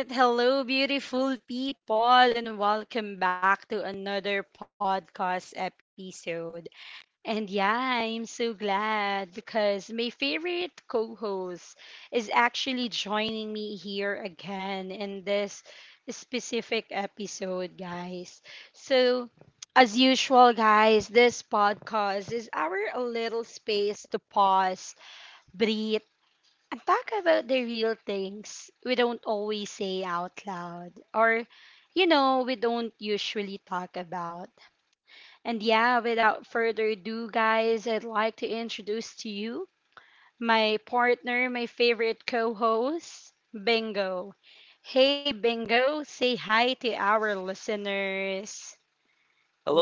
All right. Hello, beautiful people, and welcome back to another podcast episode. And yeah, I'm so glad because my favorite co host is actually joining me here again in this specific episode, guys. So, as usual, guys, this podcast is our little space to pause, breathe, and talk about the real things we don't always say out loud, or we don't usually talk about. And yeah, without further ado, guys, I'd like to introduce to you my partner, my favorite co-host, Bingo. Hey Bingo, say hi to our listeners.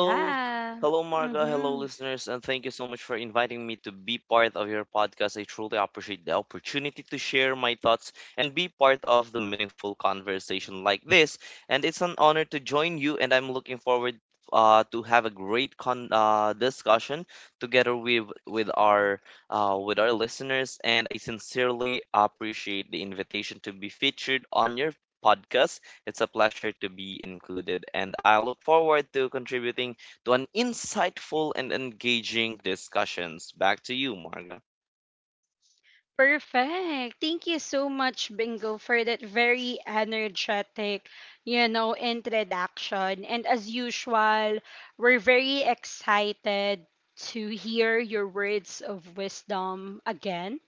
Hello, hello, Marga. Hello, listeners, and thank you so much for inviting me to be part of your podcast. I truly appreciate the opportunity to share my thoughts and be part of the meaningful conversation like this. And it's an honor to join you, and I'm looking forward to have a great con discussion together with our listeners. And I sincerely appreciate the invitation to be featured on your podcast. It's a pleasure to be included, and I look forward to contributing to an insightful and engaging discussions. Back to you, Marga. Perfect. Thank you so much, Bingo, for that very energetic, introduction. And as usual, we're very excited to hear your words of wisdom again.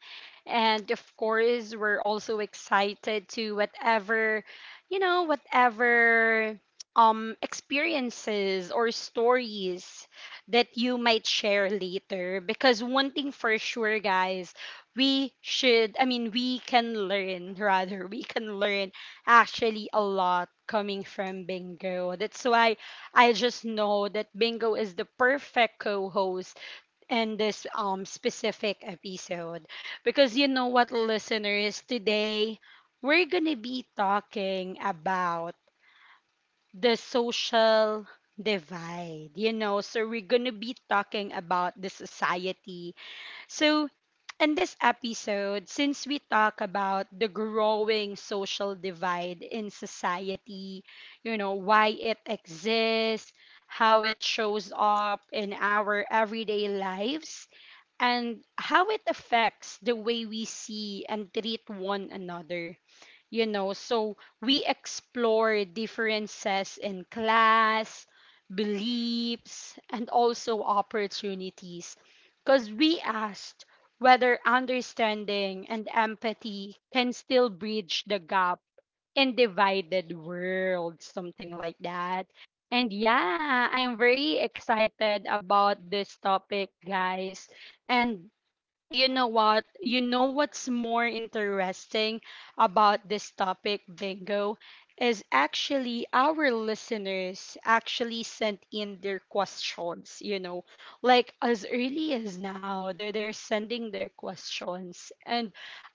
And of course, we're also excited to whatever, whatever experiences or stories that you might share later, because one thing for sure, guys, we should I mean we can learn, rather, we can learn actually a lot coming from Bingo. That's why I just know that Bingo is the perfect co-host in this specific episode. Because you know what, listeners, today we're gonna be talking about the social divide, you know. So we're gonna be talking about the society. So, in this episode, since we talk about the growing social divide in society, you know, why it exists, how it shows up in our everyday lives, and how it affects the way we see and treat one another, you know. So we explore differences in class, beliefs, and also opportunities. Because we asked whether understanding and empathy can still bridge the gap in divided world, something like that. And yeah, I'm very excited about this topic, guys. And you know what's more interesting about this topic, Bingo, is actually our listeners actually sent in their questions, you know, like as early as now, they're sending their questions. And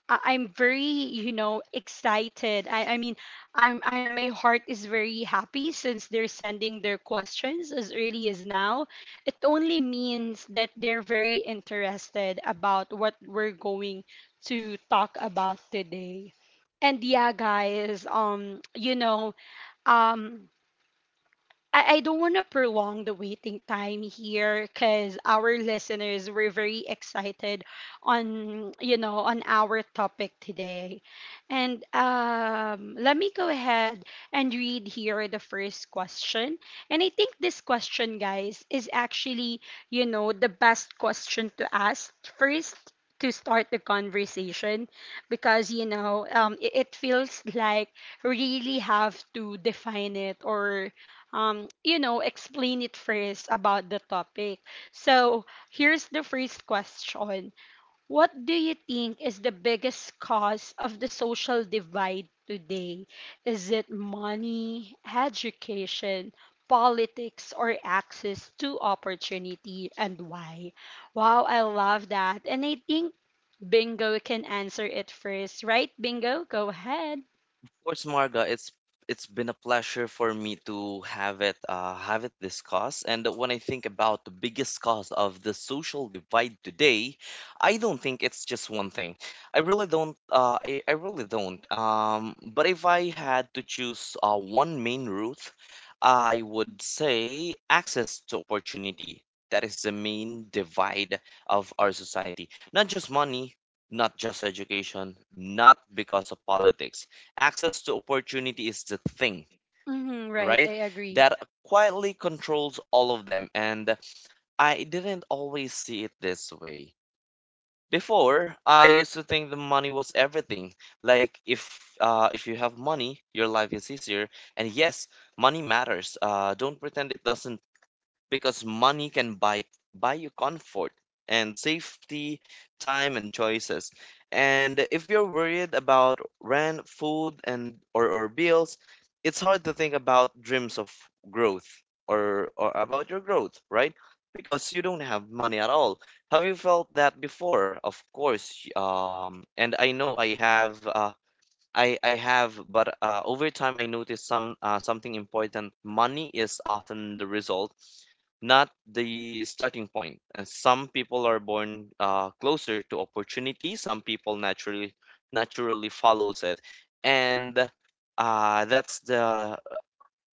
I'm very excited. I, I mean i'm i my heart is very happy since they're sending their questions as early as now. It only means that they're very interested about what we're going to talk about today. And yeah, guys, you know, um, I don't want to prolong the waiting time here because our listeners were very excited on, on our topic today. And let me go ahead and read here the first question. And I think this question, guys, is actually, you know, the best question to ask first to start the conversation, because it feels like really have to define it, or you know, explain it first about the topic. So here's the first question. What do you think is the biggest cause of the social divide today? Is it money, education, politics, or access to opportunity, and why? Wow, I love that. And I think Bingo can answer it first, right? Bingo, go ahead. Course, Marga, it's been a pleasure for me to have it discussed. And when I think about the biggest cause of the social divide today, I don't think it's just one thing. I really don't. I really don't. But if I had to choose one main route, I would say access to opportunity. That is the main divide of our society. Not just money, not just education, not because of politics. Access to opportunity is the thing, Mm-hmm, right, right, I agree. that quietly controls all of them. And I didn't always see it this way before. I used to think the money was everything. Like, if you have money, your life is easier. And yes, money matters. Don't pretend it doesn't, because money can buy you comfort and safety, time and choices. And if you're worried about rent, food and or bills, it's hard to think about dreams of growth or about your growth, right? Because you don't have money at all. Have you felt that before? Of course. And I know I have. I have, but over time I noticed something important. Money is often the result, not the starting point. Some people are born closer to opportunity. Some people naturally follows it, and that's the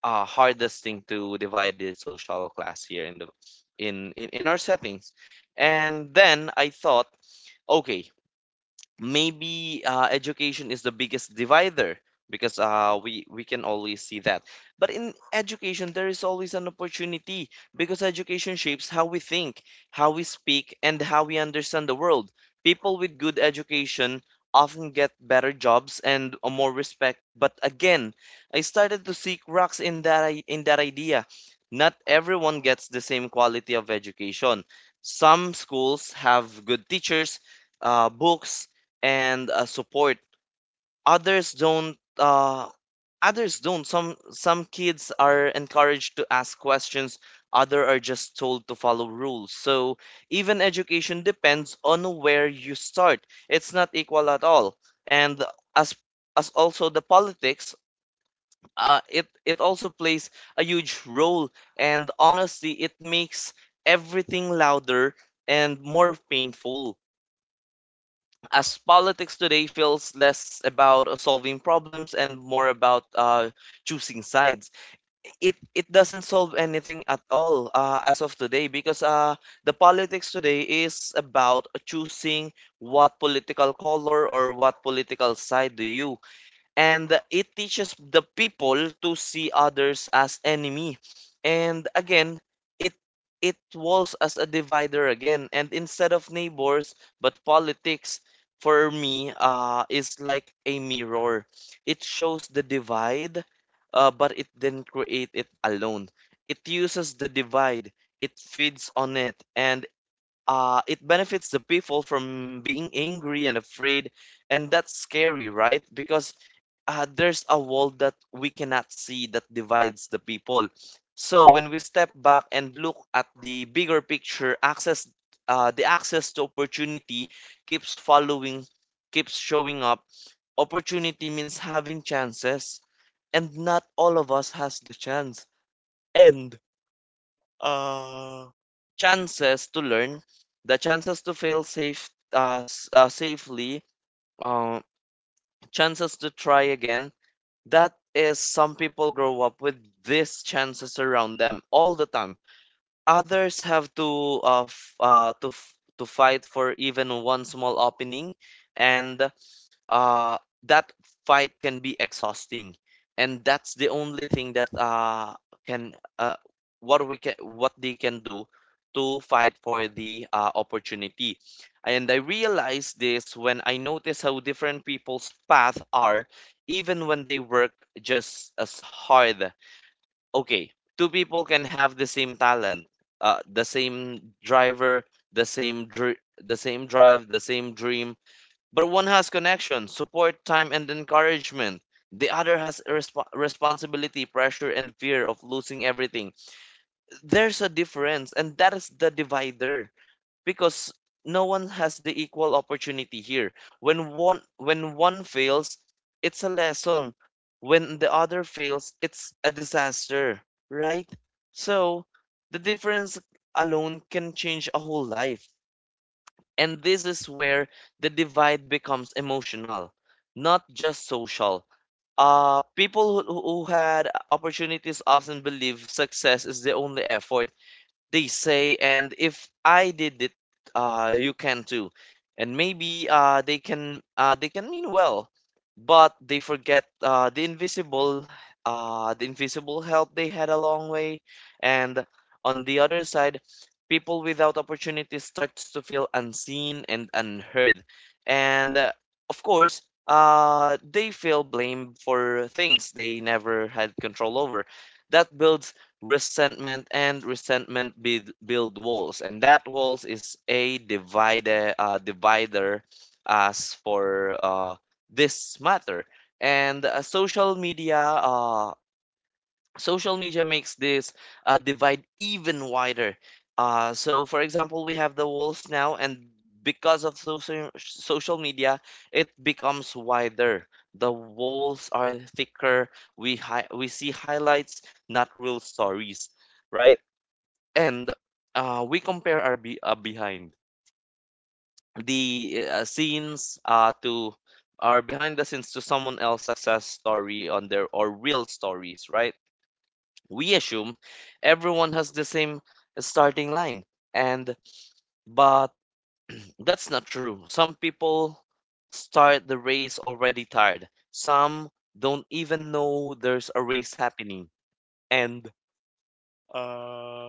hardest thing to divide the social class here in in our settings. And then I thought, okay, maybe education is the biggest divider, because we can always see that, but in education there is always an opportunity, because education shapes how we think, how we speak, and how we understand the world. People with good education often get better jobs and a more respect, but again, I started to seek rocks in in that idea. Not everyone gets the same quality of education. Some schools have good teachers, books, and support. Others don't uh, others don't Some kids are encouraged to ask questions, other are just told to follow rules. So even education depends on where you start. It's not equal at all. And as as also the politics, it also plays a huge role, and honestly it makes everything louder and more painful. As politics today feels less about solving problems and more about choosing sides, it doesn't solve anything at all as of today, because the politics today is about choosing what political color or what political side do you. And it teaches the people to see others as enemy. And again, it it walls as a divider again and instead of neighbors. But politics for me is like a mirror. It shows the divide, but it didn't create it alone. It uses the divide, it feeds on it, and it benefits the people from being angry and afraid. And that's scary, right? Because there's a wall that we cannot see that divides the people. So when we step back and look at the bigger picture, access the access to opportunity keeps following, keeps showing up. Opportunity means having chances, and not all of us has the chance. And uh, chances to learn, the chances to fail safe, safely, uh, chances to try again, that is, some people grow up with these chances around them all the time. Others have to to fight for even one small opening, and uh that fight can be exhausting. And that's the only thing that can what we can what they can do to fight for the opportunity. And I realized this when I noticed how different people's paths are even when they work just as hard. Okay, two people can have the same talent, the same driver, the same dr- the same drive, the same dream, but one has connection, support, time, and encouragement. The other has responsibility, pressure, and fear of losing everything. There's a difference, and that is the divider, because no one has the equal opportunity here. When one fails, it's a lesson. When the other fails, it's a disaster, right? So the difference alone can change a whole life. And this is where the divide becomes emotional, not just social. People who had opportunities often believe success is the only effort. They say, and if I did it, you can too. And maybe they can mean well, but they forget the invisible help they had a long way. And on the other side, people without opportunity starts to feel unseen and unheard. And of course, they feel blamed for things they never had control over. That builds resentment, and resentment build walls, and that walls is a divider, divider as for this matter. And social media makes this divide even wider. So, for example, we have the walls now, and because of social media, it becomes wider. The walls are thicker. We see highlights, not real stories, right? And we compare our be- behind the scenes to our behind the scenes to someone else's success story on their or real stories, right? We assume everyone has the same starting line, and but that's not true. Some people start the race already tired, some don't even know there's a race happening. and uh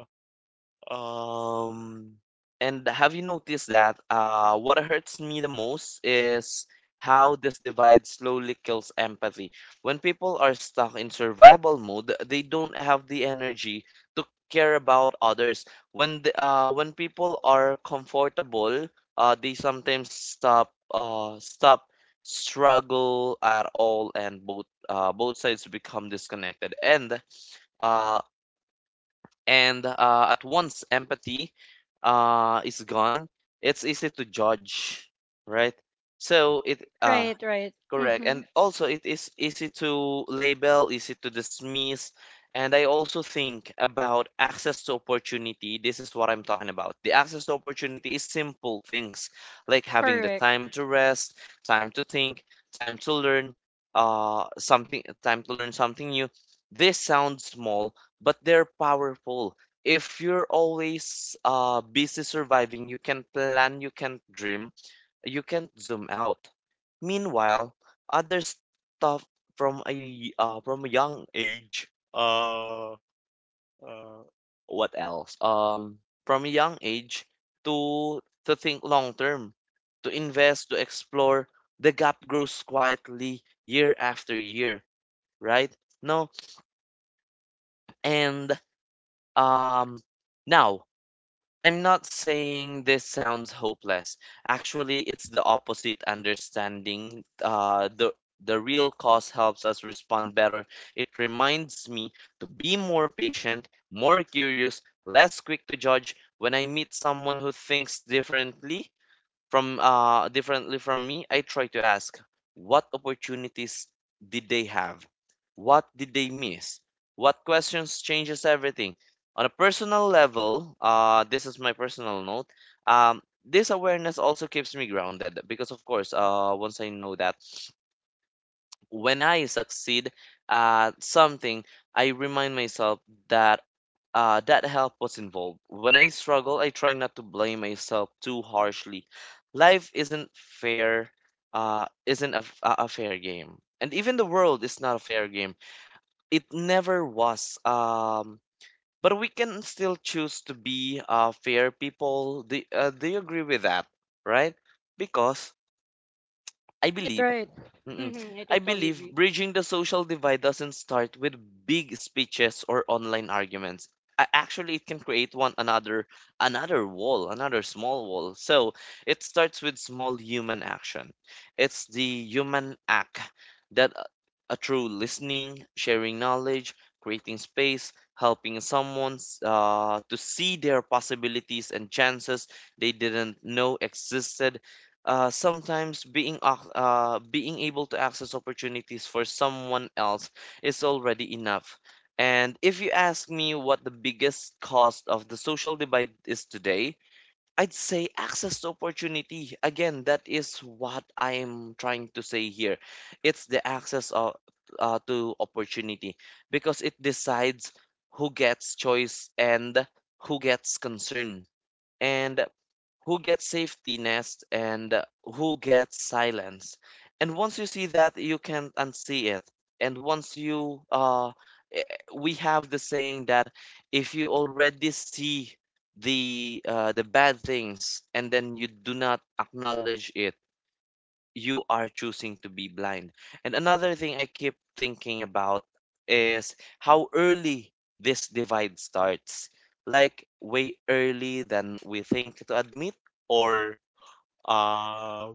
um, and have you noticed that what hurts me the most is how this divide slowly kills empathy. When people are stuck in survival mode, they don't have the energy to care about others. When people are comfortable, they sometimes stop struggle at all, and both sides become disconnected. Uh, and at once empathy is gone, it's easy to judge, right? So it Right, right. Correct. Mm-hmm. And also, it is easy to label, easy to dismiss. And I also think about access to opportunity. This is what I'm talking about. The access to opportunity is simple things like having the Correct. time to rest, time to think, time to learn, time to learn something new. This sounds small, but they're powerful. If you're always busy surviving, you can plan, you can dream, you can't zoom out. Meanwhile, other stuff from a from a young age, uh, uh, what else? From a young age to think long term, to invest, to explore, the gap grows quietly year after year, right? No, and um, now I'm not saying this sounds hopeless. Actually, it's the opposite. Understanding the real cause helps us respond better. It reminds me to be more patient, more curious, less quick to judge. When I meet someone who thinks differently, from me, I try to ask, what opportunities did they have? What did they miss? What questions changes everything? On a personal level, this is my personal note. This awareness also keeps me grounded because, of course, once I know that when I succeed at something, I remind myself that that help was involved. When I struggle, I try not to blame myself too harshly. Life isn't fair, isn't a, f- a fair game. And even the world is not a fair game. It never was. But we can still choose to be fair people. Do you agree with that? Right? Because I Right, believe. right. Mm-mm. Mm-hmm. I I totally believe agree. bridging the social divide doesn't start with big speeches or online arguments. Actually, it can create one another, another wall, another small wall. So it starts with small human action. It's the human act that a true listening, sharing knowledge, creating space, helping someone to see their possibilities and chances they didn't know existed. Sometimes being able to access opportunities for someone else is already enough. And if you ask me what the biggest cost of the social divide is today, I'd say access to opportunity. Again, that is what I am trying to say here. It's the access to opportunity because it decides who gets choice and who gets concern. And who gets safety nest and who gets silence. And once you see that, you can't unsee it. And once you, eh, we have the saying that if you already see the the bad things and then you do not acknowledge it, you are choosing to be blind. And another thing I keep thinking about is how early this divide starts. Like way early than we think to admit or uh,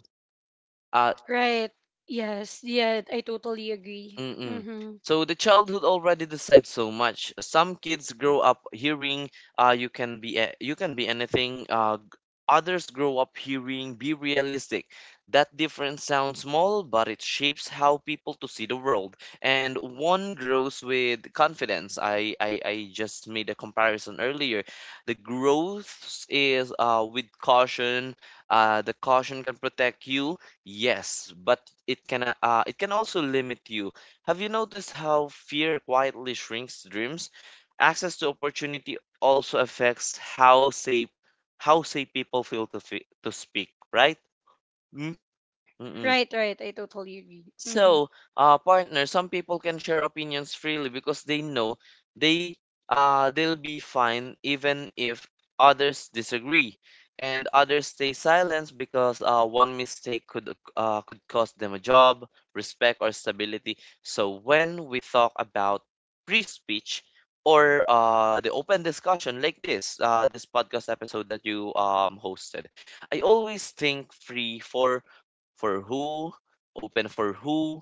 uh Right. Yes. Yeah, I totally agree. Mm-mm. Mm-hmm. So the childhood already decides so much. Some kids grow up hearing you can be you can be anything. Others grow up hearing be realistic. That difference sounds small, but it shapes how people to see the world. And one grows with confidence. I just made a comparison earlier. The growth is with caution. The caution can protect you, yes, but it can it can also limit you. Have you noticed how fear quietly shrinks dreams? Access to opportunity also affects how say people feel to to speak, right? Mm? Mm-mm. Right, right. I totally agree. Mm-hmm. So, partner, some people can share opinions freely because they know they they'll be fine even if others disagree, and others stay silent because one mistake could could cost them a job, respect, or stability. So, when we talk about free speech or the open discussion like this podcast episode that you hosted, I always think free for who, open for who.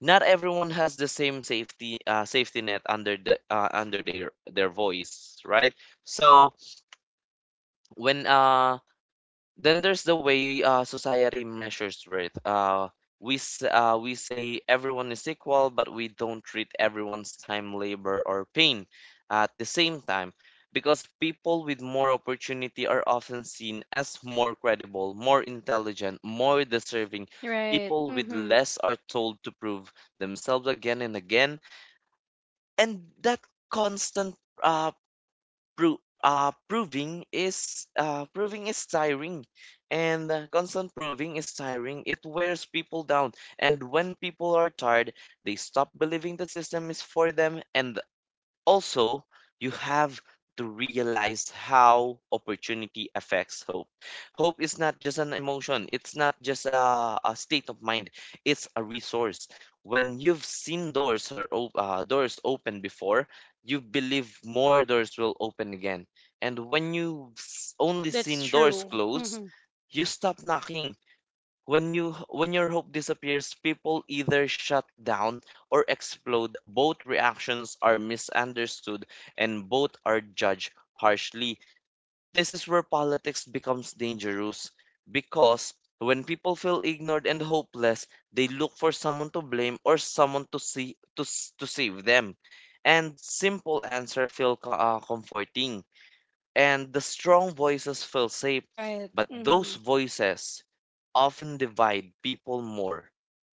Not everyone has the same safety net under the under their voice, right? So when then there's the way society measures worth. We say everyone is equal, but we don't treat everyone's time, labor, or pain at the same time, because people with more opportunity are often seen as more credible, more intelligent, more deserving. Right. People with Mm-hmm. less are told to prove themselves again and again, and that constant uh, proving is tiring, and constant proving is tiring. It wears people down, and when people are tired they stop believing the system is for them. And also, you have to realize how opportunity affects hope. Hope is not just an emotion, it's not just a state of mind, it's a resource. When you've seen doors open before, you believe more doors will open again. And when you've only That's seen doors true. close, Mm-hmm. you stop knocking. When your hope disappears, people either shut down or explode. Both reactions are misunderstood and both are judged harshly. This is where politics becomes dangerous, because when people feel ignored and hopeless, they look for someone to blame or someone to see to, s- to save them. And simple answer feel comforting, and the strong voices feel safe, Right. but those Mm-hmm. voices often divide people more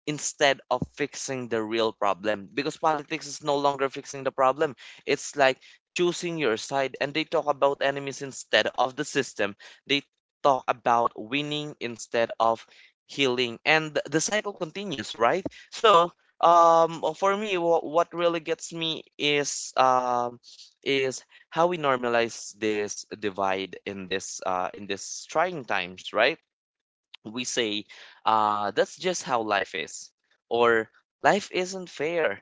instead of fixing the real problem, because politics is no longer fixing the problem. It's like choosing your side, and they talk about enemies instead of the system. They talk about winning instead of healing, and the cycle continues, right? So for me, what really gets me is is how we normalize this divide in this trying times, right? We say, that's just how life is, or life isn't fair.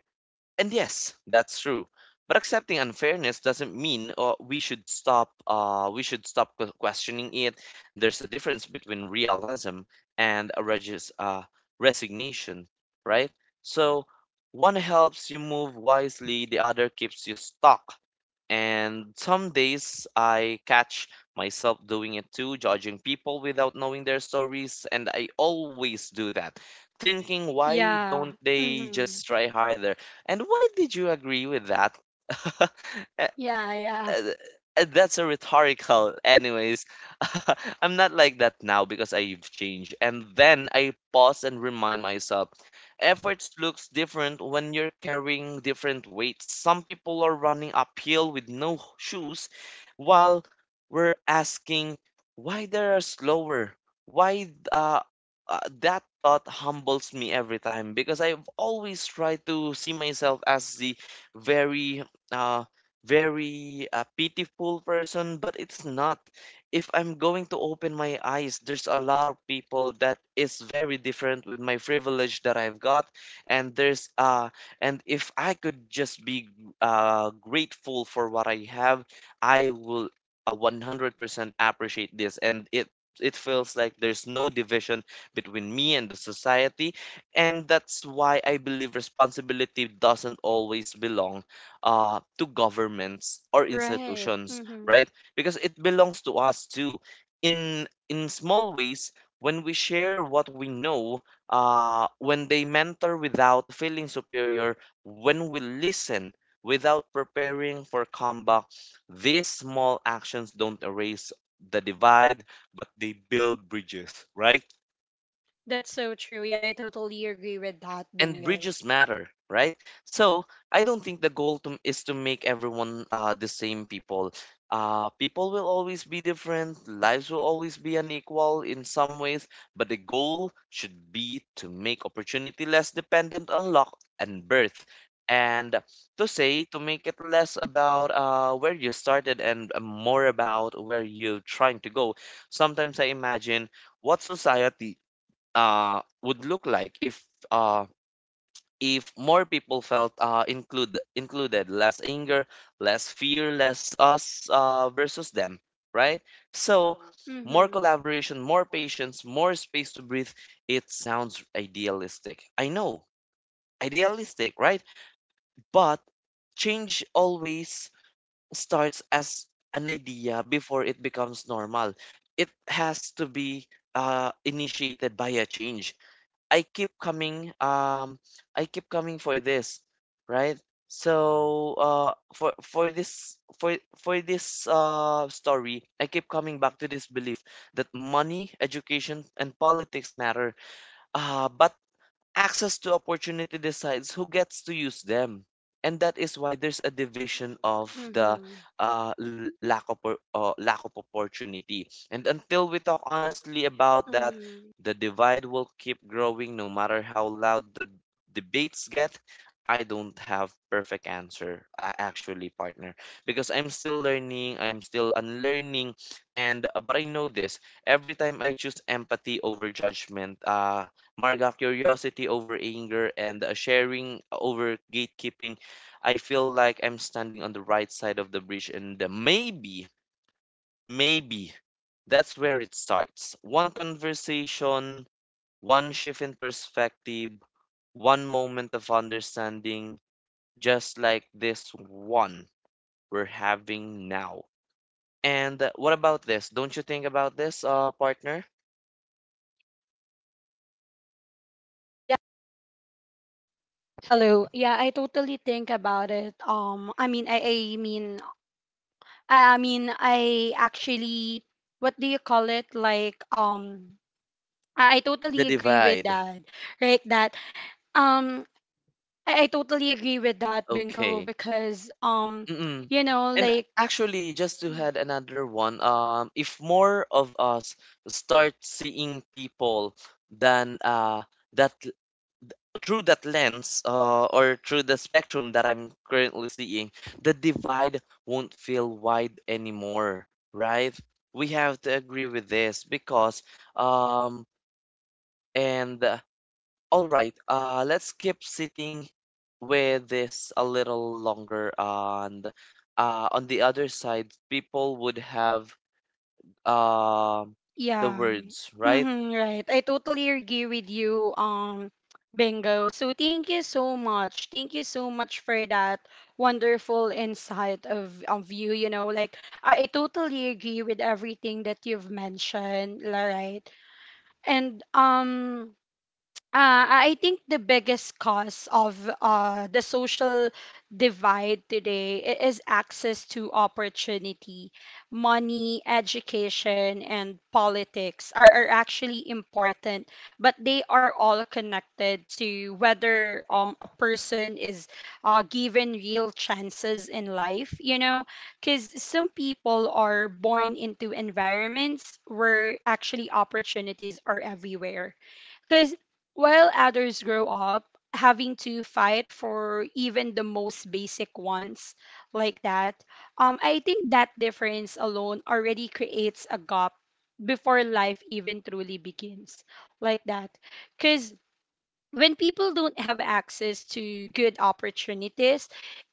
And yes, that's true. But accepting unfairness doesn't mean we should stop questioning it. There's a difference between realism and a resignation, right? So one helps you move wisely, the other keeps you stuck. And some days I catch myself doing it too, judging people without knowing their stories. And I always do that, thinking, why Yeah. don't they Mm-hmm. just try harder? And why did you agree with that? A- Yeah, yeah. uh, that's a rhetorical anyways. I'm not like that now because I've changed, and then I pause and remind myself efforts looks different when you're carrying different weights. Some people are running uphill with no shoes while we're asking why they are slower, why that thought humbles me every time, because I've always tried to see myself as the very uh, very pitiful person, but it's not. If I'm going to open my eyes, there's a lot of people that is very different with my privilege that I've got, and there's uh, and if I could just be grateful for what I have, I will 100% appreciate this, and it feels like there's no division between me and the society, and that's why I believe responsibility doesn't always belong to governments or Right. institutions, Mm-hmm. right? Because it belongs to us too. In small ways, when we share what we know, when they mentor without feeling superior, when we listen without preparing for comeback, these small actions don't erase the divide, but they build bridges, right? That's so true. Yeah, I totally agree with that, And Bingo. bridges matter, right? So I don't think the goal is to make everyone the same people. People will always be different, lives will always be unequal in some ways, but the goal should be to make opportunity less dependent on luck and birth, and to say to make it less about where you started and more about where you're trying to go. Sometimes I imagine what society would look like uh, if more people felt included, less anger, less fear, less us versus them, right? So more Mm-hmm. collaboration, more patience, more space to breathe. It sounds idealistic, I know, idealistic, right? But change always starts as an idea before it becomes normal. It has to be initiated by a change. I keep coming um I keep coming for this, right? So for this story, I keep coming back to this belief that money, education, and politics matter. But access to opportunity decides who gets to use them. And that is why there's a division of the Mm-hmm. Lack of opportunity. And until we talk honestly about that, Mm-hmm. the divide will keep growing no matter how loud the debates get. I don't have perfect answer actually, partner, because I'm still learning, I'm still unlearning, and but I know this: every time I choose empathy over judgment, Marg of curiosity over anger, and sharing over gatekeeping, I feel like I'm standing on the right side of the bridge, and maybe, maybe that's where it starts. One conversation, one shift in perspective, one moment of understanding, just like this one we're having now. And what about this? Don't you think about this, partner? Yeah. Hello. Yeah, I totally think about it. I mean, I mean, I mean, I actually, what do you call it? Like, I totally The agree with divide. that, right? That, um, I totally agree with that, Bingo, Okay. because, Mm. you know, And like, actually, just to add another one, if more of us start seeing people than uh that l- through that lens, or through the spectrum that I'm currently seeing, the divide won't feel wide anymore, right? We have to agree with this because um and all right, let's keep sitting with this a little longer, and on the other side, people would have um the yeah, words, right? Right. I totally agree with you, Bingo. So thank you so much. Thank you so much for that wonderful insight of you. You know, like I totally agree with everything that you've mentioned, la- right? And I think the biggest cause of the social divide today is access to opportunity. Money, education, and politics are actually important, but they are all connected to whether a person is given real chances in life, you know? Because some people are born into environments where actually opportunities are everywhere, because while others grow up having to fight for even the most basic ones, like that. I think that difference alone already creates a gap before life even truly begins, like that. Because when people don't have access to good opportunities,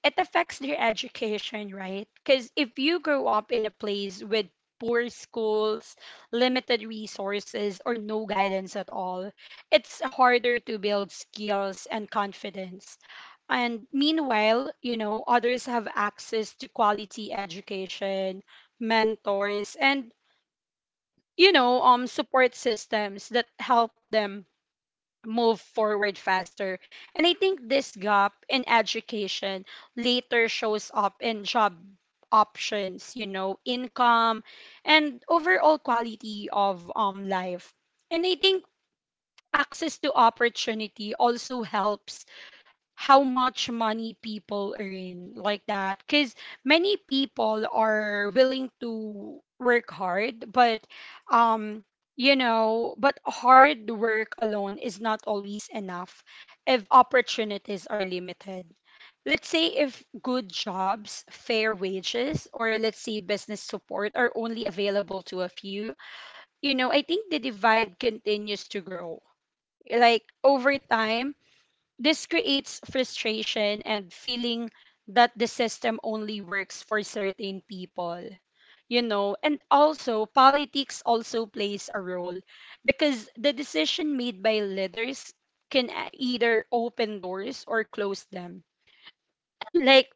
it affects their education, right? Because if you grow up in a place with poor schools, limited resources, or no guidance at all, it's harder to build skills and confidence. And meanwhile, you know, others have access to quality education, mentors, and, you know, support systems that help them move forward faster. And I think this gap in education later shows up in job options, you know, income, and overall quality of life. And I think access to opportunity also helps how much money people earn, like that. Because many people are willing to work hard, but um hard work alone is not always enough if opportunities are limited. Let's say if good jobs, fair wages, or let's say business support are only available to a few, you know, I think the divide continues to grow. Like, over time this creates frustration and feeling that the system only works for certain people. You know, and also politics also plays a role, because the decision made by leaders can either open doors or close them. Like,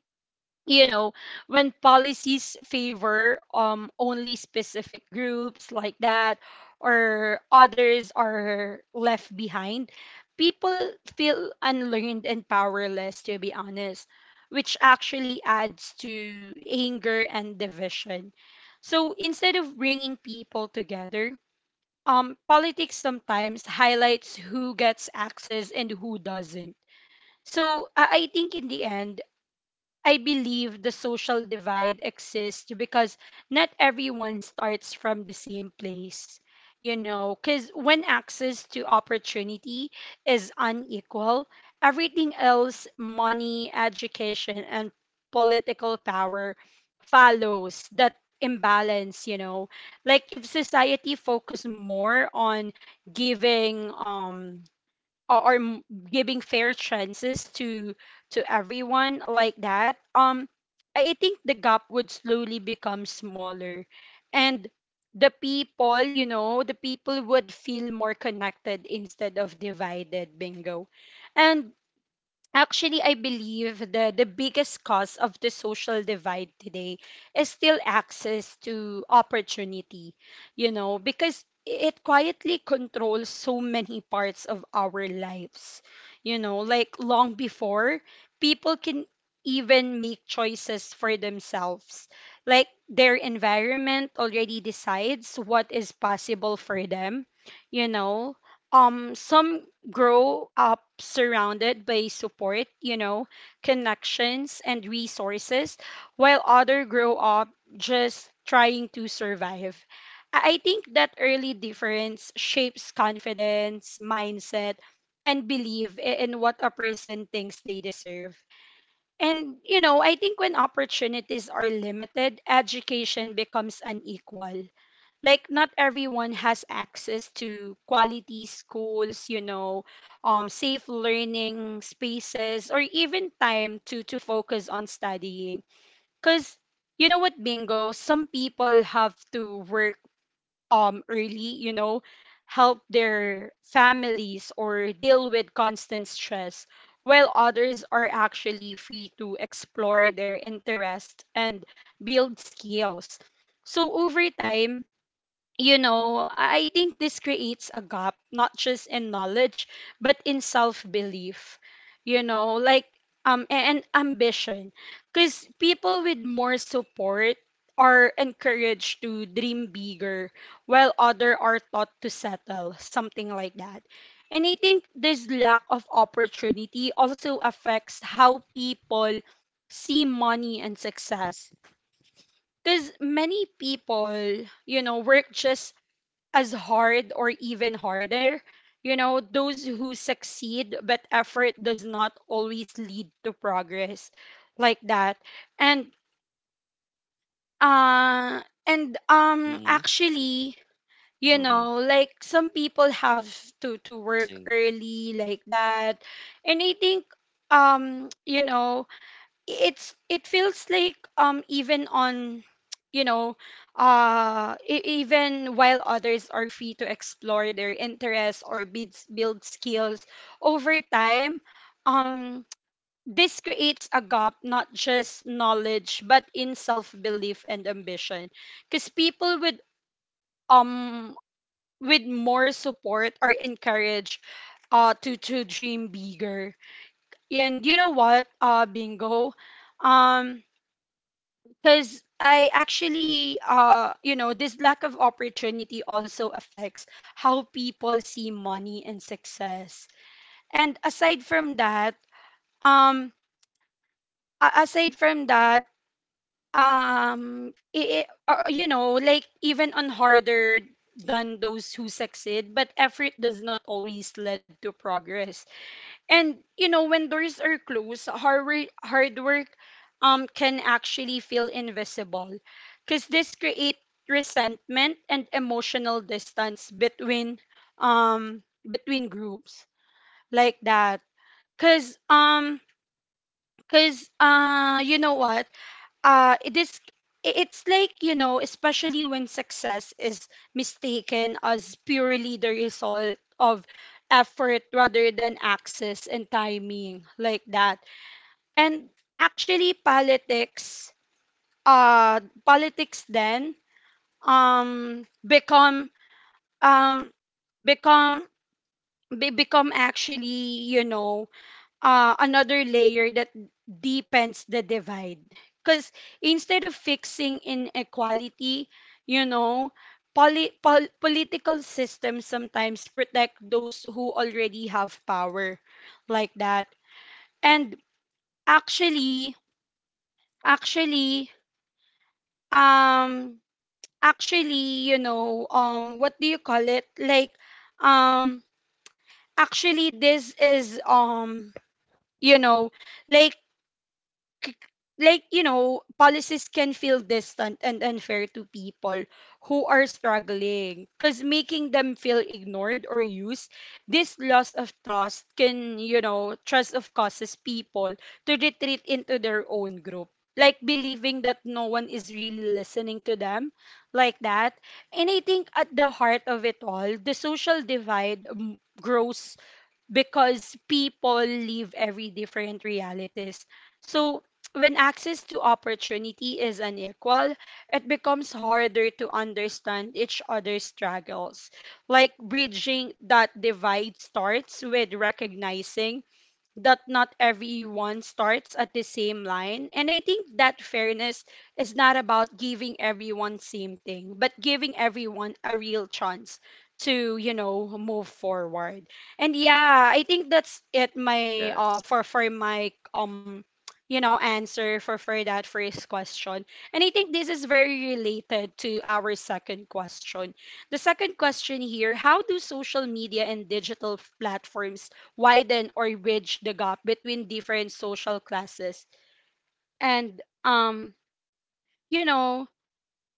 you know, when policies favor only specific groups, like that, or others are left behind, people feel unlearned and powerless, to be honest, which actually adds to anger and division. So instead of bringing people together, politics sometimes highlights who gets access and who doesn't. So I think in the end, I believe the social divide exists because not everyone starts from the same place. You know, because when access to opportunity is unequal, everything else, money, education, and political power, follows that imbalance, you know. Like, if society focused more on giving, or, or m- giving fair chances to everyone, like that. I think the gap would slowly become smaller, and the people would feel more connected instead of divided, Bingo. And actually, I believe the biggest cause of the social divide today is still access to opportunity, you know, because it quietly controls so many parts of our lives, you know, like long before people can even make choices for themselves. Like, their environment already decides what is possible for them, you know. Some grow up surrounded by support, you know, connections and resources, while other grow up just trying to survive. I think that early difference shapes confidence, mindset, and belief in what a person thinks they deserve. And, you know, I think when opportunities are limited, education becomes unequal. Like, not everyone has access to quality schools, you know, safe learning spaces, or even time to focus on studying. Cuz You know what, Bingo, some people have to work early, you know, help their families, or deal with constant stress, while others are actually free to explore their interests and build skills. So over time, you know, I think this creates a gap, not just in knowledge, but in self belief, you know, like, and ambition. Because people with more support are encouraged to dream bigger, while other are taught to settle, something like that. And I think this lack of opportunity also affects how people see money and success. Because many people, you know, work just as hard or even harder. You know, those who succeed, but effort does not always lead to progress, like that. And uh Mm-hmm. actually, you Mm-hmm. know, like, some people have to work early, like that. And I think, you know, it's it feels like even on, you know, even while others are free to explore their interests or build build skills. Over time, um this creates a gap, not just knowledge, but in self-belief and ambition, because people with, um with more support are encouraged to dream bigger. And you know what, Bingo, um because I actually, you know, this lack of opportunity also affects how people see money and success. And aside from that, um, aside from that, you know, like, even on harder than those who succeed, but effort does not always lead to progress. And you know, when doors are closed, hard work can actually feel invisible, because this create resentment and emotional distance between, um between groups, like that. Cause cause You know what? It is it's like, you know, especially when success is mistaken as purely the result of effort rather than access and timing, like that. And actually politics, politics then become um become become, actually, you know, another layer that deepens the divide. Because instead of fixing inequality, you know, political systems sometimes protect those who already have power, like that. And actually, actually, um, actually, you know, what do you call it? Like, um, actually, this is, you know, like c- like, you know, policies can feel distant and unfair to people who are struggling, because making them feel ignored or used, this loss of trust can, you know, trust of, causes people to retreat into their own group, like believing that no one is really listening to them, like that. And I think at the heart of it all, the social divide grows because people live every different realities. So when access to opportunity is unequal, it becomes harder to understand each other's struggles. Like, bridging that divide starts with recognizing that not everyone starts at the same line, and I think that fairness is not about giving everyone same thing, but giving everyone a real chance to, you know, move forward. And yeah, I think that's it, my Yes. For my you know, answer for that first question. And I think this is very related to our second question, the second question here: how do social media and digital platforms widen or bridge the gap between different social classes? And you know,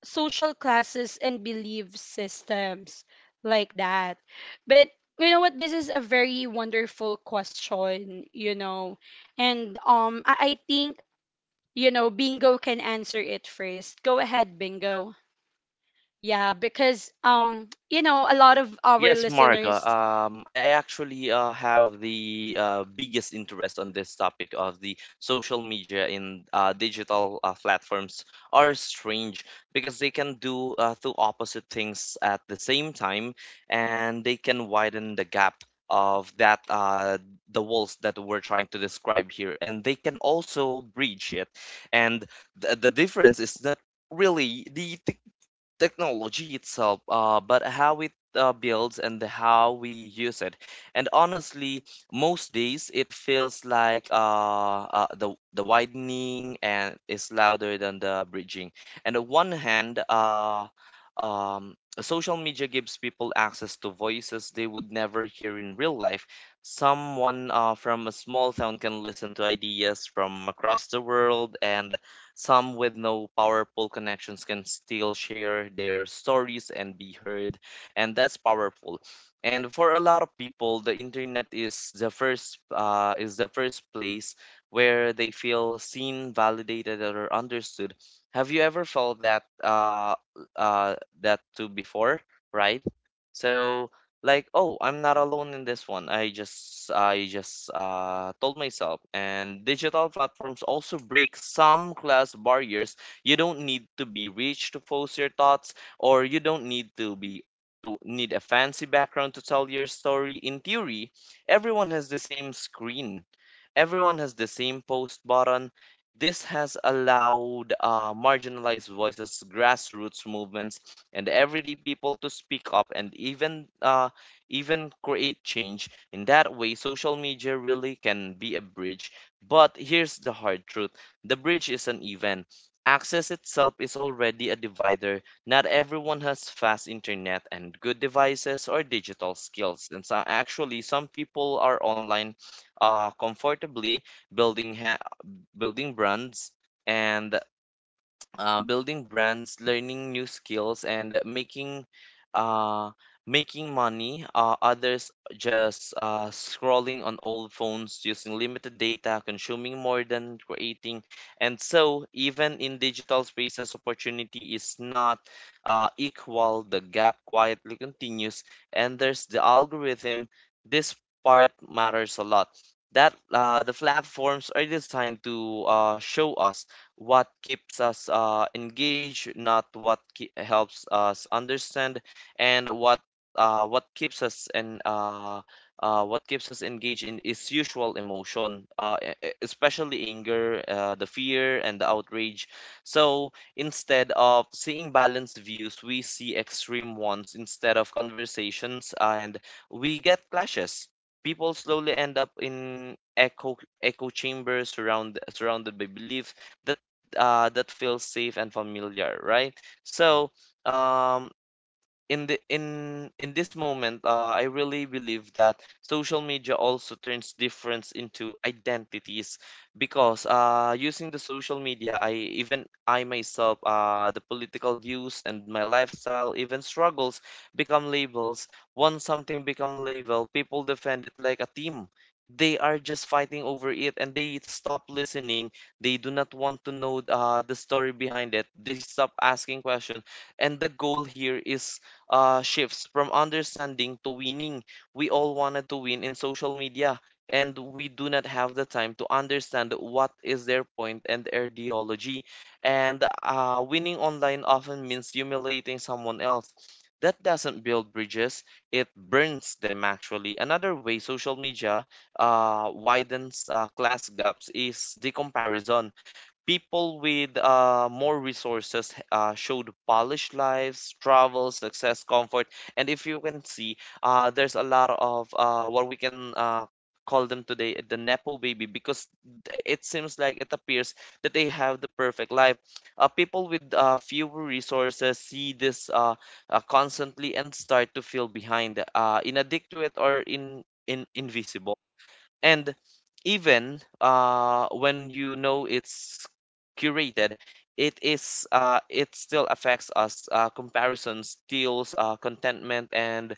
social classes and belief systems, like that. But you know what, this is a very wonderful question, you know. And um, I think, you know, Bingo can answer it first. Go ahead, Bingo. Yeah, because um, you know, a lot of our Yes, listeners. Marga. I actually have the biggest interest on this topic of the social media and digital platforms. Are strange because they can do two opposite things at the same time, and they can widen the gap of that the walls that we're trying to describe here, and they can also breach it. And th the difference is that really the technology itself, but how it builds and how we use it. And honestly, most days it feels like the widening and is louder than the bridging. And on one hand, um, social media gives people access to voices they would never hear in real life. Someone from a small town can listen to ideas from across the world, and some with no powerful connections can still share their stories and be heard, and that's powerful. And for a lot of people, the internet is the first place where they feel seen, validated, or understood. Have you ever felt that uh, that too before, right? So like, "Oh, I'm not alone in this one." I just told myself. And digital platforms also break some class barriers. You don't need to be rich to post your thoughts, or you don't need to need a fancy background to tell your story. In theory, everyone has the same screen. Everyone has the same post button. This has allowed marginalized voices, grassroots movements, and everyday people to speak up and even create change. In that way, social media really can be a bridge. But here's the hard truth: the bridge is an event. Access itself is already a divider. Not everyone has fast internet and good devices or digital skills. And so actually, some people are online comfortably building ha- building brands and building brands, learning new skills, and making uh, making money. Others just scrolling on old phones, using limited data, consuming more than creating. And so, even in digital spaces, opportunity is not equal. The gap quietly continues, and there's the algorithm. This part matters a lot. That the platforms are designed to show us what keeps us engaged, not what helps us understand, and uh, what keeps us and uh, what keeps us engaged in is usual emotion, especially anger, the fear, and the outrage. So instead of seeing balanced views, we see extreme ones instead of conversations, and we get clashes. People slowly end up in echo chambers, surrounded by beliefs that that feels safe and familiar, right? So, um, in the in this moment, I really believe that social media also turns difference into identities because using the social media, I myself, the political views and my lifestyle, even struggles, become labels. Once something become a label, people defend it like a team. They are just fighting over it and they stop listening. They do not want to know the story behind it. They stop asking questions, and the goal here is shifts from understanding to winning. We all wanted to win in social media, and we do not have the time to understand what is their point and their ideology. And winning online often means humiliating someone else. That doesn't build bridges, it burns them actually. Another way social media widens class gaps is the comparison. People with more resources showed polished lives, travel, success, comfort. And if you can see, there's a lot of what we can call them today the Nepo baby because it seems like it appears that they have the perfect life. People with fewer resources see this constantly and start to feel behind, inadequate or in invisible. And even when you know it's curated, it still affects us. Comparison steals contentment and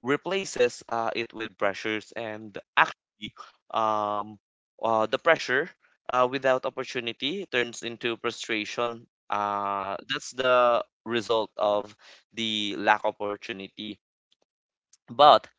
replaces it with pressures. And actually, um, the pressure without opportunity turns into frustration. That's the result of the lack opportunity. But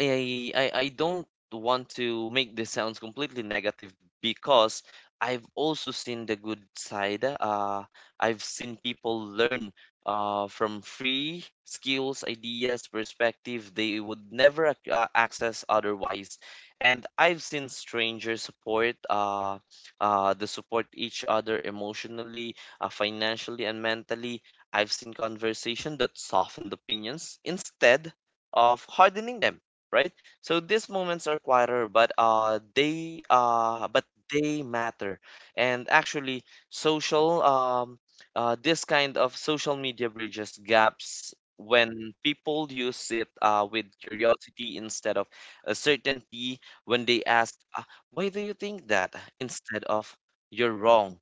I don't want to make this sounds completely negative because I've also seen the good side. I've seen people learn from free skills, ideas, perspective they would never access otherwise. And I've seen stranger support, they support each other emotionally, financially, and mentally. I've seen conversation that softened opinions instead of hardening them, right? So these moments are quieter, but they matter. And actually, social this kind of social media bridges gaps when people use it with curiosity instead of a certainty. When they ask, "Why do you think that?" instead of "You're wrong,"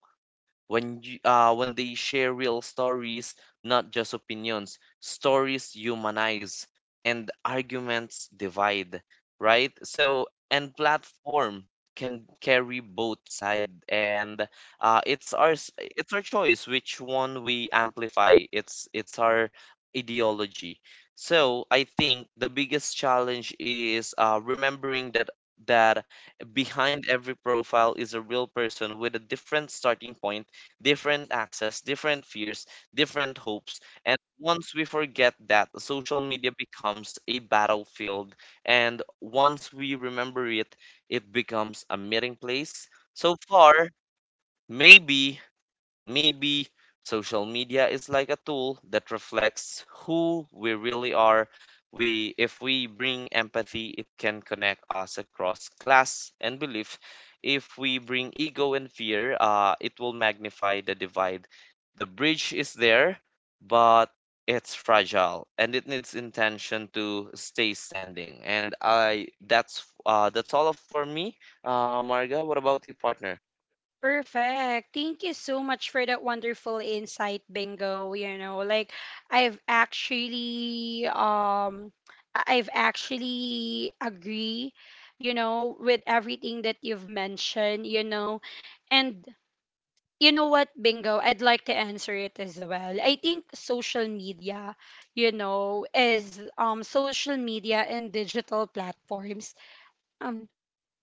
when they share real stories, not just opinions. Stories humanize and arguments divide, right? So, and platform can carry both side, and it's our choice which one we amplify. It's our ideology. So I think the biggest challenge is remembering that behind every profile is a real person with a different starting point, different access, different fears, different hopes. And once we forget that, social media becomes a battlefield. And once we remember it, it becomes a meeting place. So far, maybe Maybe social media is like a tool that reflects who we really are. We, if we bring empathy, it can connect us across class and belief. If we bring ego and fear, it will magnify the divide. The bridge is there, but it's fragile and it needs intention to stay standing. And I, that's all of for me. Marga, what about your partner? Perfect. Thank you so much for that wonderful insight, Bingo. You know, like, I've actually um, I've actually agree, you know, with everything that you've mentioned, you know. And you know what, Bingo, I'd like to answer it as well. I think social media, you know, is um, social media and digital platforms, um,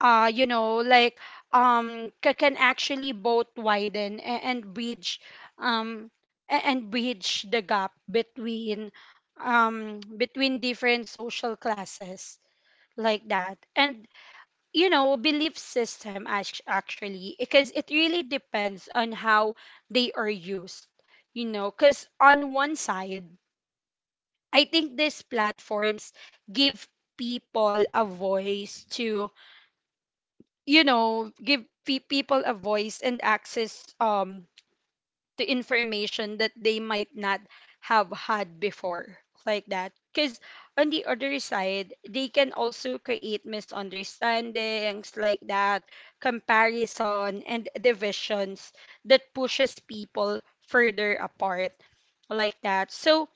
you know, like, um, can actually both widen and, bridge, um, and bridge the gap between um, between different social classes, like that. And you know, belief system, actually, because it really depends on how they are used, you know. Because on one side, I think these platforms give people a voice to, you know, give people a voice and access um, to information that they might not have had before, like that. Because on the other side, they can also create misunderstandings, like that, comparison and divisions that pushes people further apart, like that. So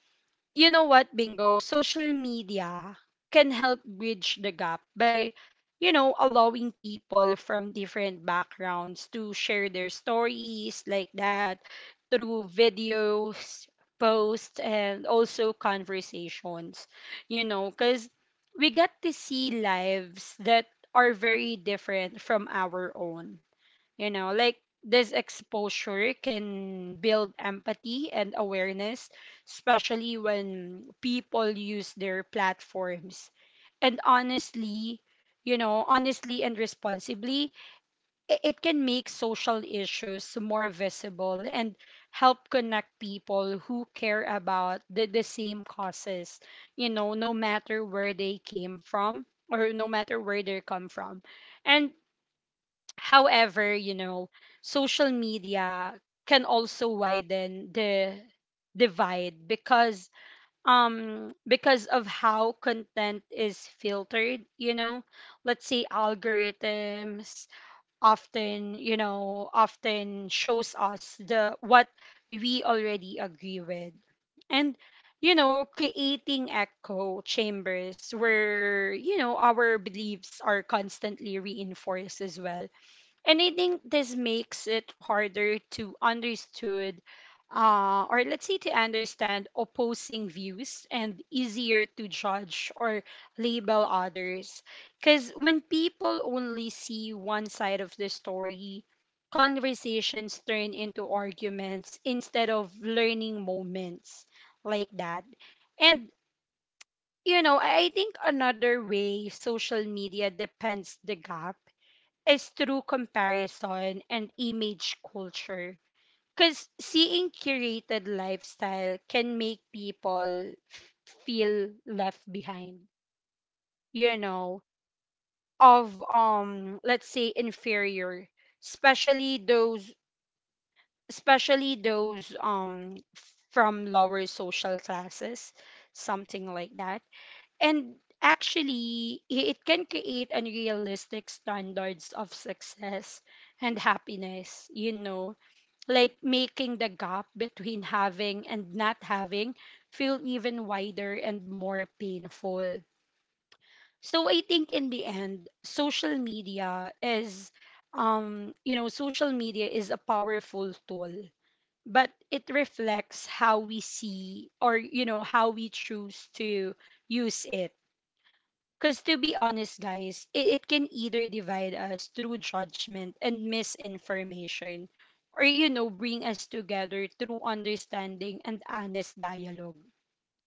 you know what, Bingo? Social media can help bridge the gap by, you know, allowing people from different backgrounds to share their stories, like that, through videos, posts, and also conversations, you know, because we get to see lives that are very different from our own, you know. Like, this exposure can build empathy and awareness, especially when people use their platforms. And honestly, you know, honestly and responsibly, it can make social issues more visible and help connect people who care about the same causes, you know, no matter where they came from, or no matter where they come from. And however, you know, social media can also widen the divide, because um, because of how content is filtered, you know. Let's say algorithms often, you know, often shows us the what we already agree with. And you know, creating echo chambers where, you know, our beliefs are constantly reinforced as well. And I think this makes it harder to understood, or let's say, to understand opposing views and easier to judge or label others. Because when people only see one side of the story, conversations turn into arguments instead of learning moments, like that. And, you know, I think another way social media depends the gap is through comparison and image culture. Because seeing curated lifestyle can make people feel left behind, you know, of um, let's say, inferior, especially those especially those um from lower social classes, something like that. And actually, it can create unrealistic standards of success and happiness, you know, like making the gap between having and not having feel even wider and more painful. So I think, in the end, social media is, you know, social media is a powerful tool, but it reflects how we see, or, you know, how we choose to use it. Because, to be honest, guys, it can either divide us through judgment and misinformation, or, you know, bring us together through understanding and honest dialogue,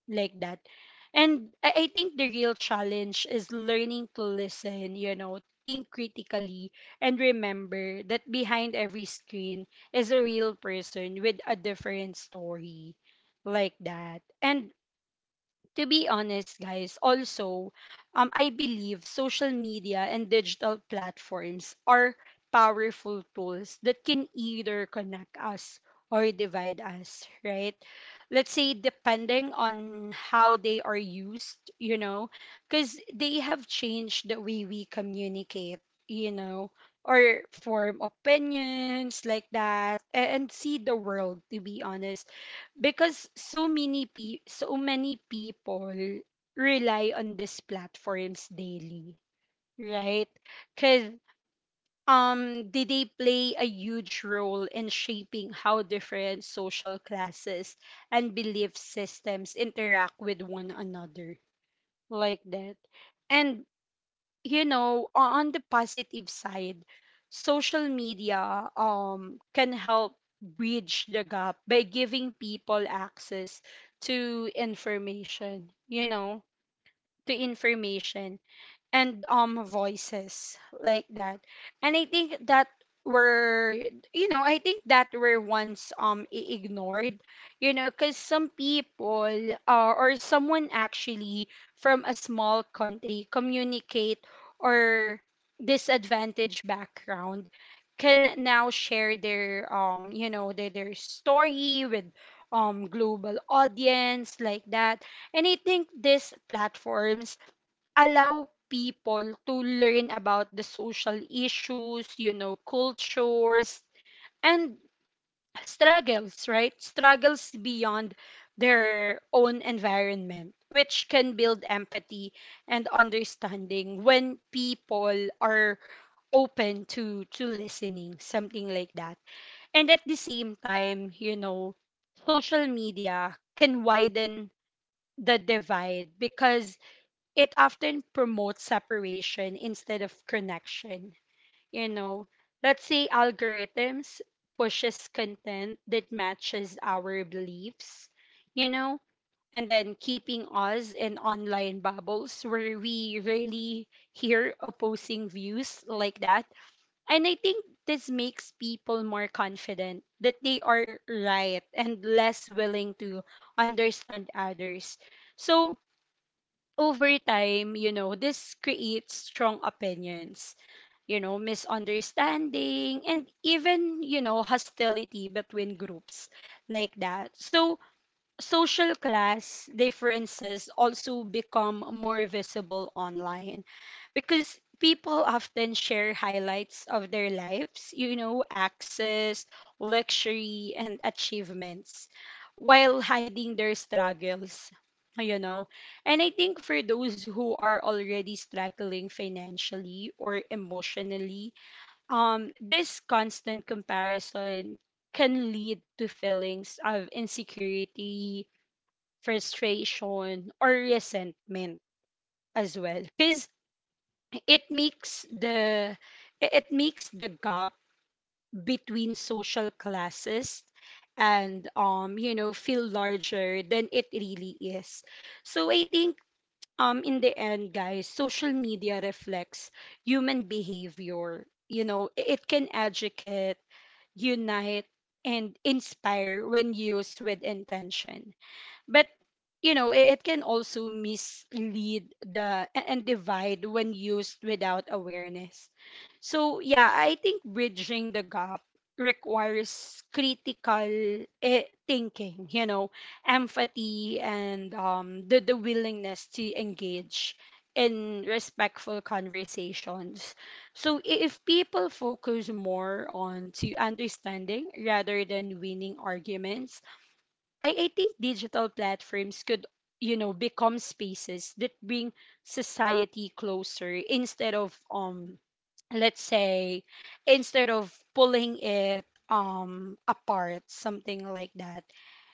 like that. And I think the real challenge is learning to listen, you know, think critically, and remember that behind every screen is a real person with a different story, like that. And to be honest, guys, also, I believe social media and digital platforms are powerful tools that can either connect us or divide us, right? Let's say, depending on how they are used, you know, because they have changed the way we communicate, you know, or form opinions, like that, and see the world, to be honest. Because so many so many people rely on these platforms daily, right? Because um, did they play a huge role in shaping how different social classes and belief systems interact with one another, like that? And you know, on the positive side, social media um, can help bridge the gap by giving people access to information, you know, to information and um, voices, like that. And I think that were, you know, I think that were once um, ignored, you know, because some people, or someone actually, from a small country communicate, or disadvantaged background, can now share their um, you know, their story with um, global audience, like that. And I think these platforms allow people to learn about the social issues, you know, cultures, and struggles, right? Struggles beyond their own environment, which can build empathy and understanding when people are open to listening, something like that. And at the same time, you know, social media can widen the divide, because it often promotes separation instead of connection. You know, let's say algorithms pushes content that matches our beliefs, you know, and then keeping us in online bubbles where we really hear opposing views, like that. And I think this makes people more confident that they are right and less willing to understand others. So, over time, you know, this creates strong opinions, you know, misunderstanding, and even, you know, hostility between groups, like that. So, social class differences also become more visible online, because people often share highlights of their lives, you know, access, luxury, and achievements, while hiding their struggles, you know. And I think for those who are already struggling financially or emotionally, this constant comparison can lead to feelings of insecurity, frustration or resentment as well, because it makes the it makes the gap between social classes and um, you know, feel larger than it really is. So I think um, in the end, guys, social media reflects human behavior, you know. It can educate, unite, and inspire when used with intention, but you know, it can also mislead the and divide when used without awareness. So yeah, I think bridging the gap requires critical thinking, you know, empathy, and um, the willingness to engage in respectful conversations. So if people focus more on to understanding rather than winning arguments, I, think digital platforms could, you know, become spaces that bring society closer instead of um, let's say, instead of pulling it um, apart, something like that.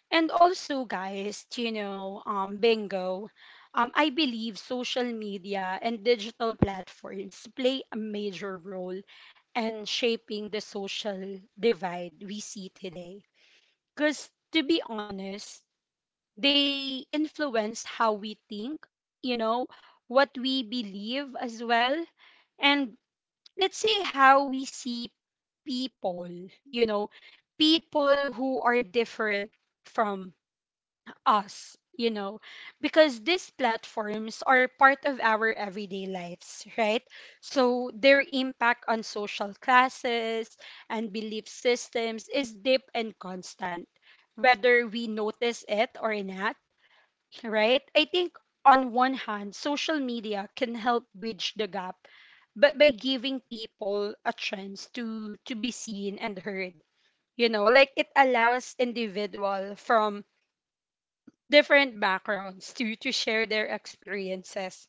And also, guys, you know, um, Bingo, um, I believe social media and digital platforms play a major role in shaping the social divide we see today. Because, to be honest, they influence how we think, you know, what we believe as well, and, let's say, how we see people, you know, people who are different from us, you know, because these platforms are part of our everyday lives, right? So their impact on social classes and belief systems is deep and constant, whether we notice it or not, right? I think on one hand, social media can help bridge the gap, but by giving people a chance to be seen and heard. You know, like, it allows individual from different backgrounds to share their experiences,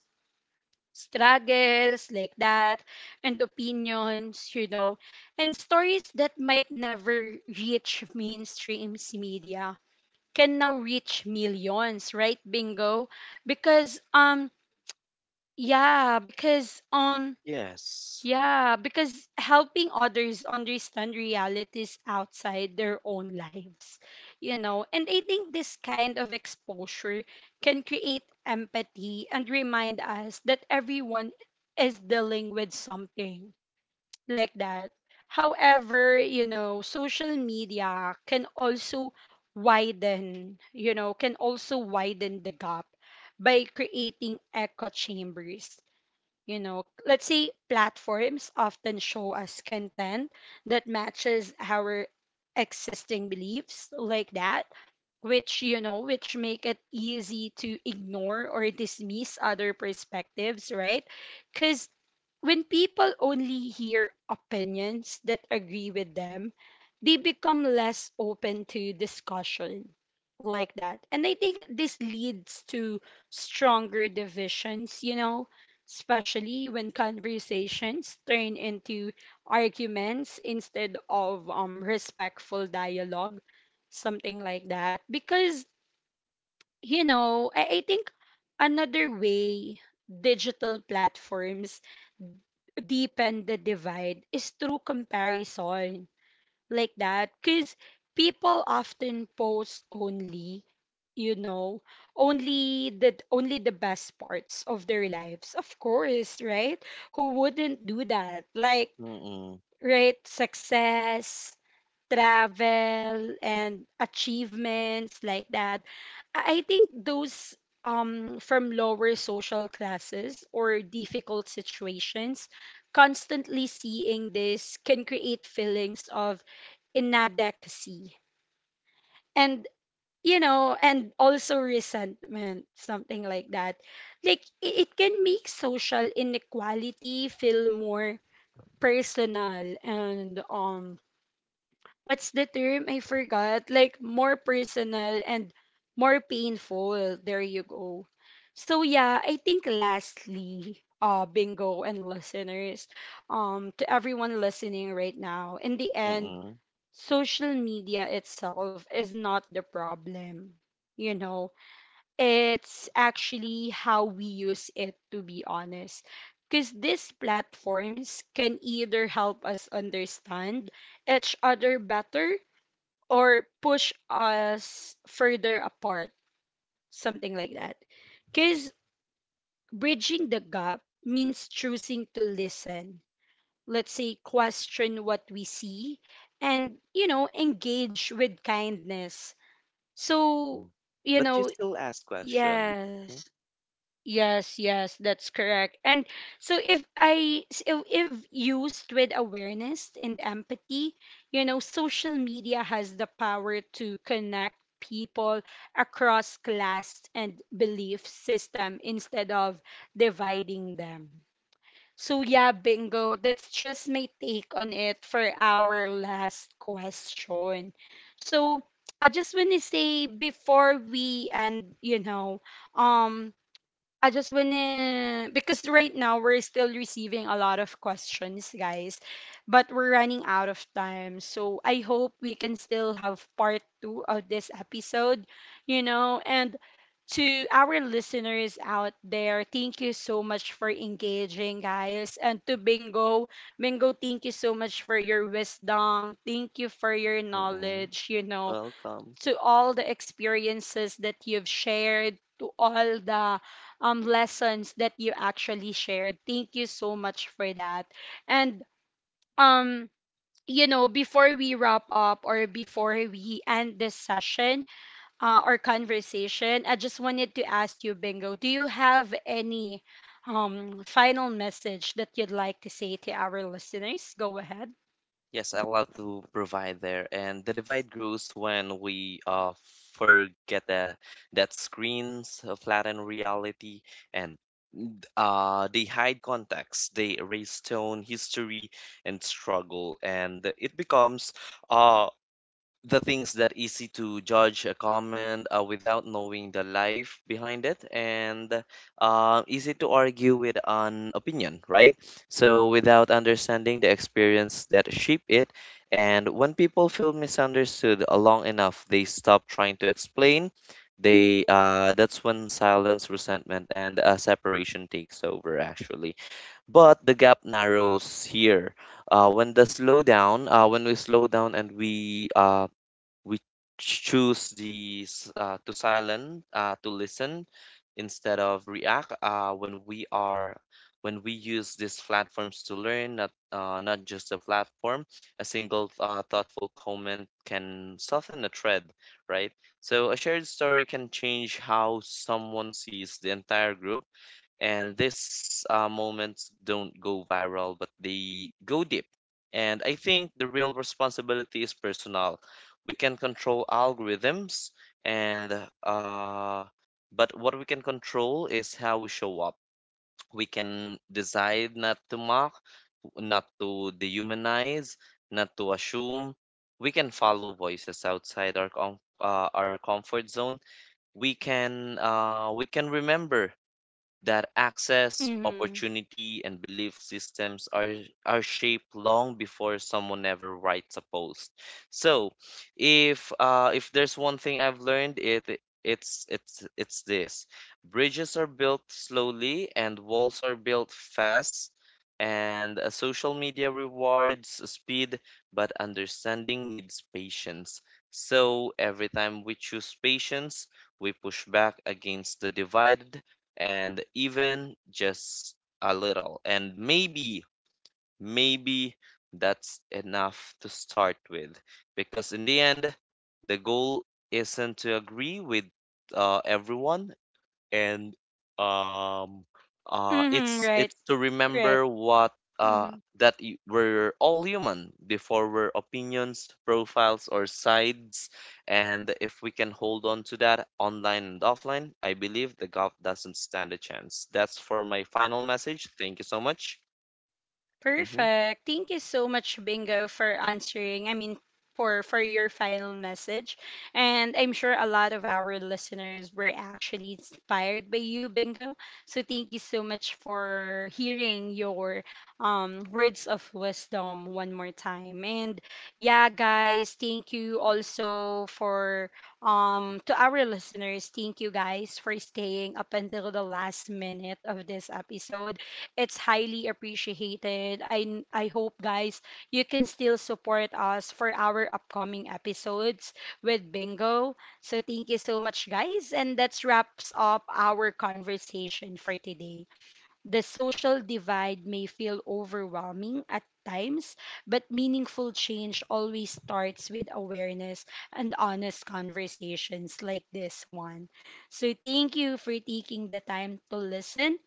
struggles, like that, and opinions, you know, and stories that might never reach mainstream media can now reach millions, right? Bingo, because um, yeah, because on, Yes. yeah, because helping others understand realities outside their own lives, you know. And I think this kind of exposure can create empathy and remind us that everyone is dealing with something, like that. However, you know, social media can also widen, can also widen the gap by creating echo chambers, you know. Let's say platforms often show us content that matches our existing beliefs like that, which, you know, which make it easy to ignore or dismiss other perspectives, right? Because when people only hear opinions that agree with them, they become less open to discussion like that. And I think this leads to stronger divisions, you know, especially when conversations turn into arguments instead of respectful dialogue, something like that. Because, you know, I think another way digital platforms deepen the divide is through comparison like that, because people often post only, you know, only the best parts of their lives, of course, right? Who wouldn't do that? Like, Mm-mm. right, success, travel, and achievements like that. I think those, from lower social classes or difficult situations, constantly seeing this can create feelings of inadequacy and, you know, and also resentment, something like that. Like, it can make social inequality feel more personal and what's the term? I forgot. Like more personal and more painful. There you go. So yeah, I think lastly, Bingo and listeners, to everyone listening right now, in the end, Mm, social media itself is not the problem. You know, it's actually how we use it, to be honest. Because these platforms can either help us understand each other better or push us further apart, something like that. Because bridging the gap means choosing to listen, let's say, question what we see, and, you know, engage with kindness. mm. So, you But you know, still ask question. Mm, yes. Yes, yes, that's correct. And so if used with awareness and empathy, you know, social media has the power to connect people across class and belief system instead of dividing them. So yeah, Bingo, that's just my take on it for our last question. So I just want to say before we end, you know, um I just wanna, because right now we're still receiving a lot of questions, guys, but we're running out of time. So I hope we can still have part two of this episode, you know. And to our listeners out there, thank you so much for engaging, guys. And to Bingo, Bingo, thank you so much for your wisdom. Thank you for your Mm, knowledge, you know, welcome. to all the experiences that you've shared, to all the lessons that you actually shared. Thank you so much for that. And um, you know, before we wrap up or before we end this session or conversation, I just wanted to ask you, Bingo, do you have any final message that you'd like to say to our listeners? Go ahead. Yes, I love to provide there. And the divide grows when we forget that screens flatten reality and they hide context, they erase tone, history, and struggle, and it becomes uh the things that easy to judge a comment without knowing the life behind it, and easy to argue with an opinion, right? So without understanding the experience that shape it. And when people feel misunderstood long enough, they stop trying to explain. They That's when silence, resentment, and separation takes over actually. But the gap narrows here, when we slow down, and we choose the s- to silent to listen instead of react, when we use these platforms to learn, not just a platform. A single thoughtful comment can soften a thread, right? So a shared story can change how someone sees the entire group. And these moments don't go viral, but they go deep. And I think the real responsibility is personal. We can control algorithms, and uh, but what we can control is how we show up. We can decide not to mock, not to dehumanize, not to assume. We can follow voices outside our comfort zone. We can remember that access, Mm-hmm. opportunity, and belief systems are shaped long before someone ever writes a post. So, if there's one thing I've learned, it it's this: bridges are built slowly, and walls are built fast. And social media rewards speed, but understanding needs patience. So every time we choose patience, we push back against the divide, and even just a little. And maybe that's enough to start with. Because in the end, the goal isn't to agree with everyone, and um Mm-hmm, right, it's to right. remember Mm-hmm. uh we're all human before we're opinions, profiles, or sides. And if we can hold on to that online and offline, I believe the gov doesn't stand a chance. That's for my final message, thank you so much. Mhm. Perfect. Thank you so much, Bingo, for answering. I mean, for your final message, and I'm sure a lot of our listeners were actually inspired by you, Bingo. So thank you so much for hearing your words of wisdom one more time. And yeah, guys, thank you also for to our listeners. Thank you guys for staying up until the last minute of this episode. It's highly appreciated. I hope, guys, you can still support us for our upcoming episodes with Bingo. So thank you so much, guys, and that wraps up our conversation for today. The social divide may feel overwhelming at times, but meaningful change always starts with awareness and honest conversations like this one. So, thank you for taking the time to listen,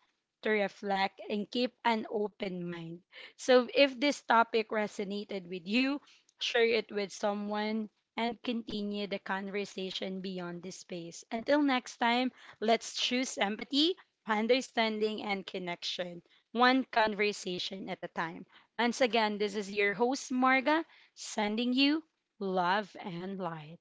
to reflect, and keep an open mind. So, if this topic resonated with you, share it with someone and continue the conversation beyond this space. Until next time, let's choose empathy, understanding, and connection, one conversation at a time. Once again, this is your host, Marga, sending you love and light.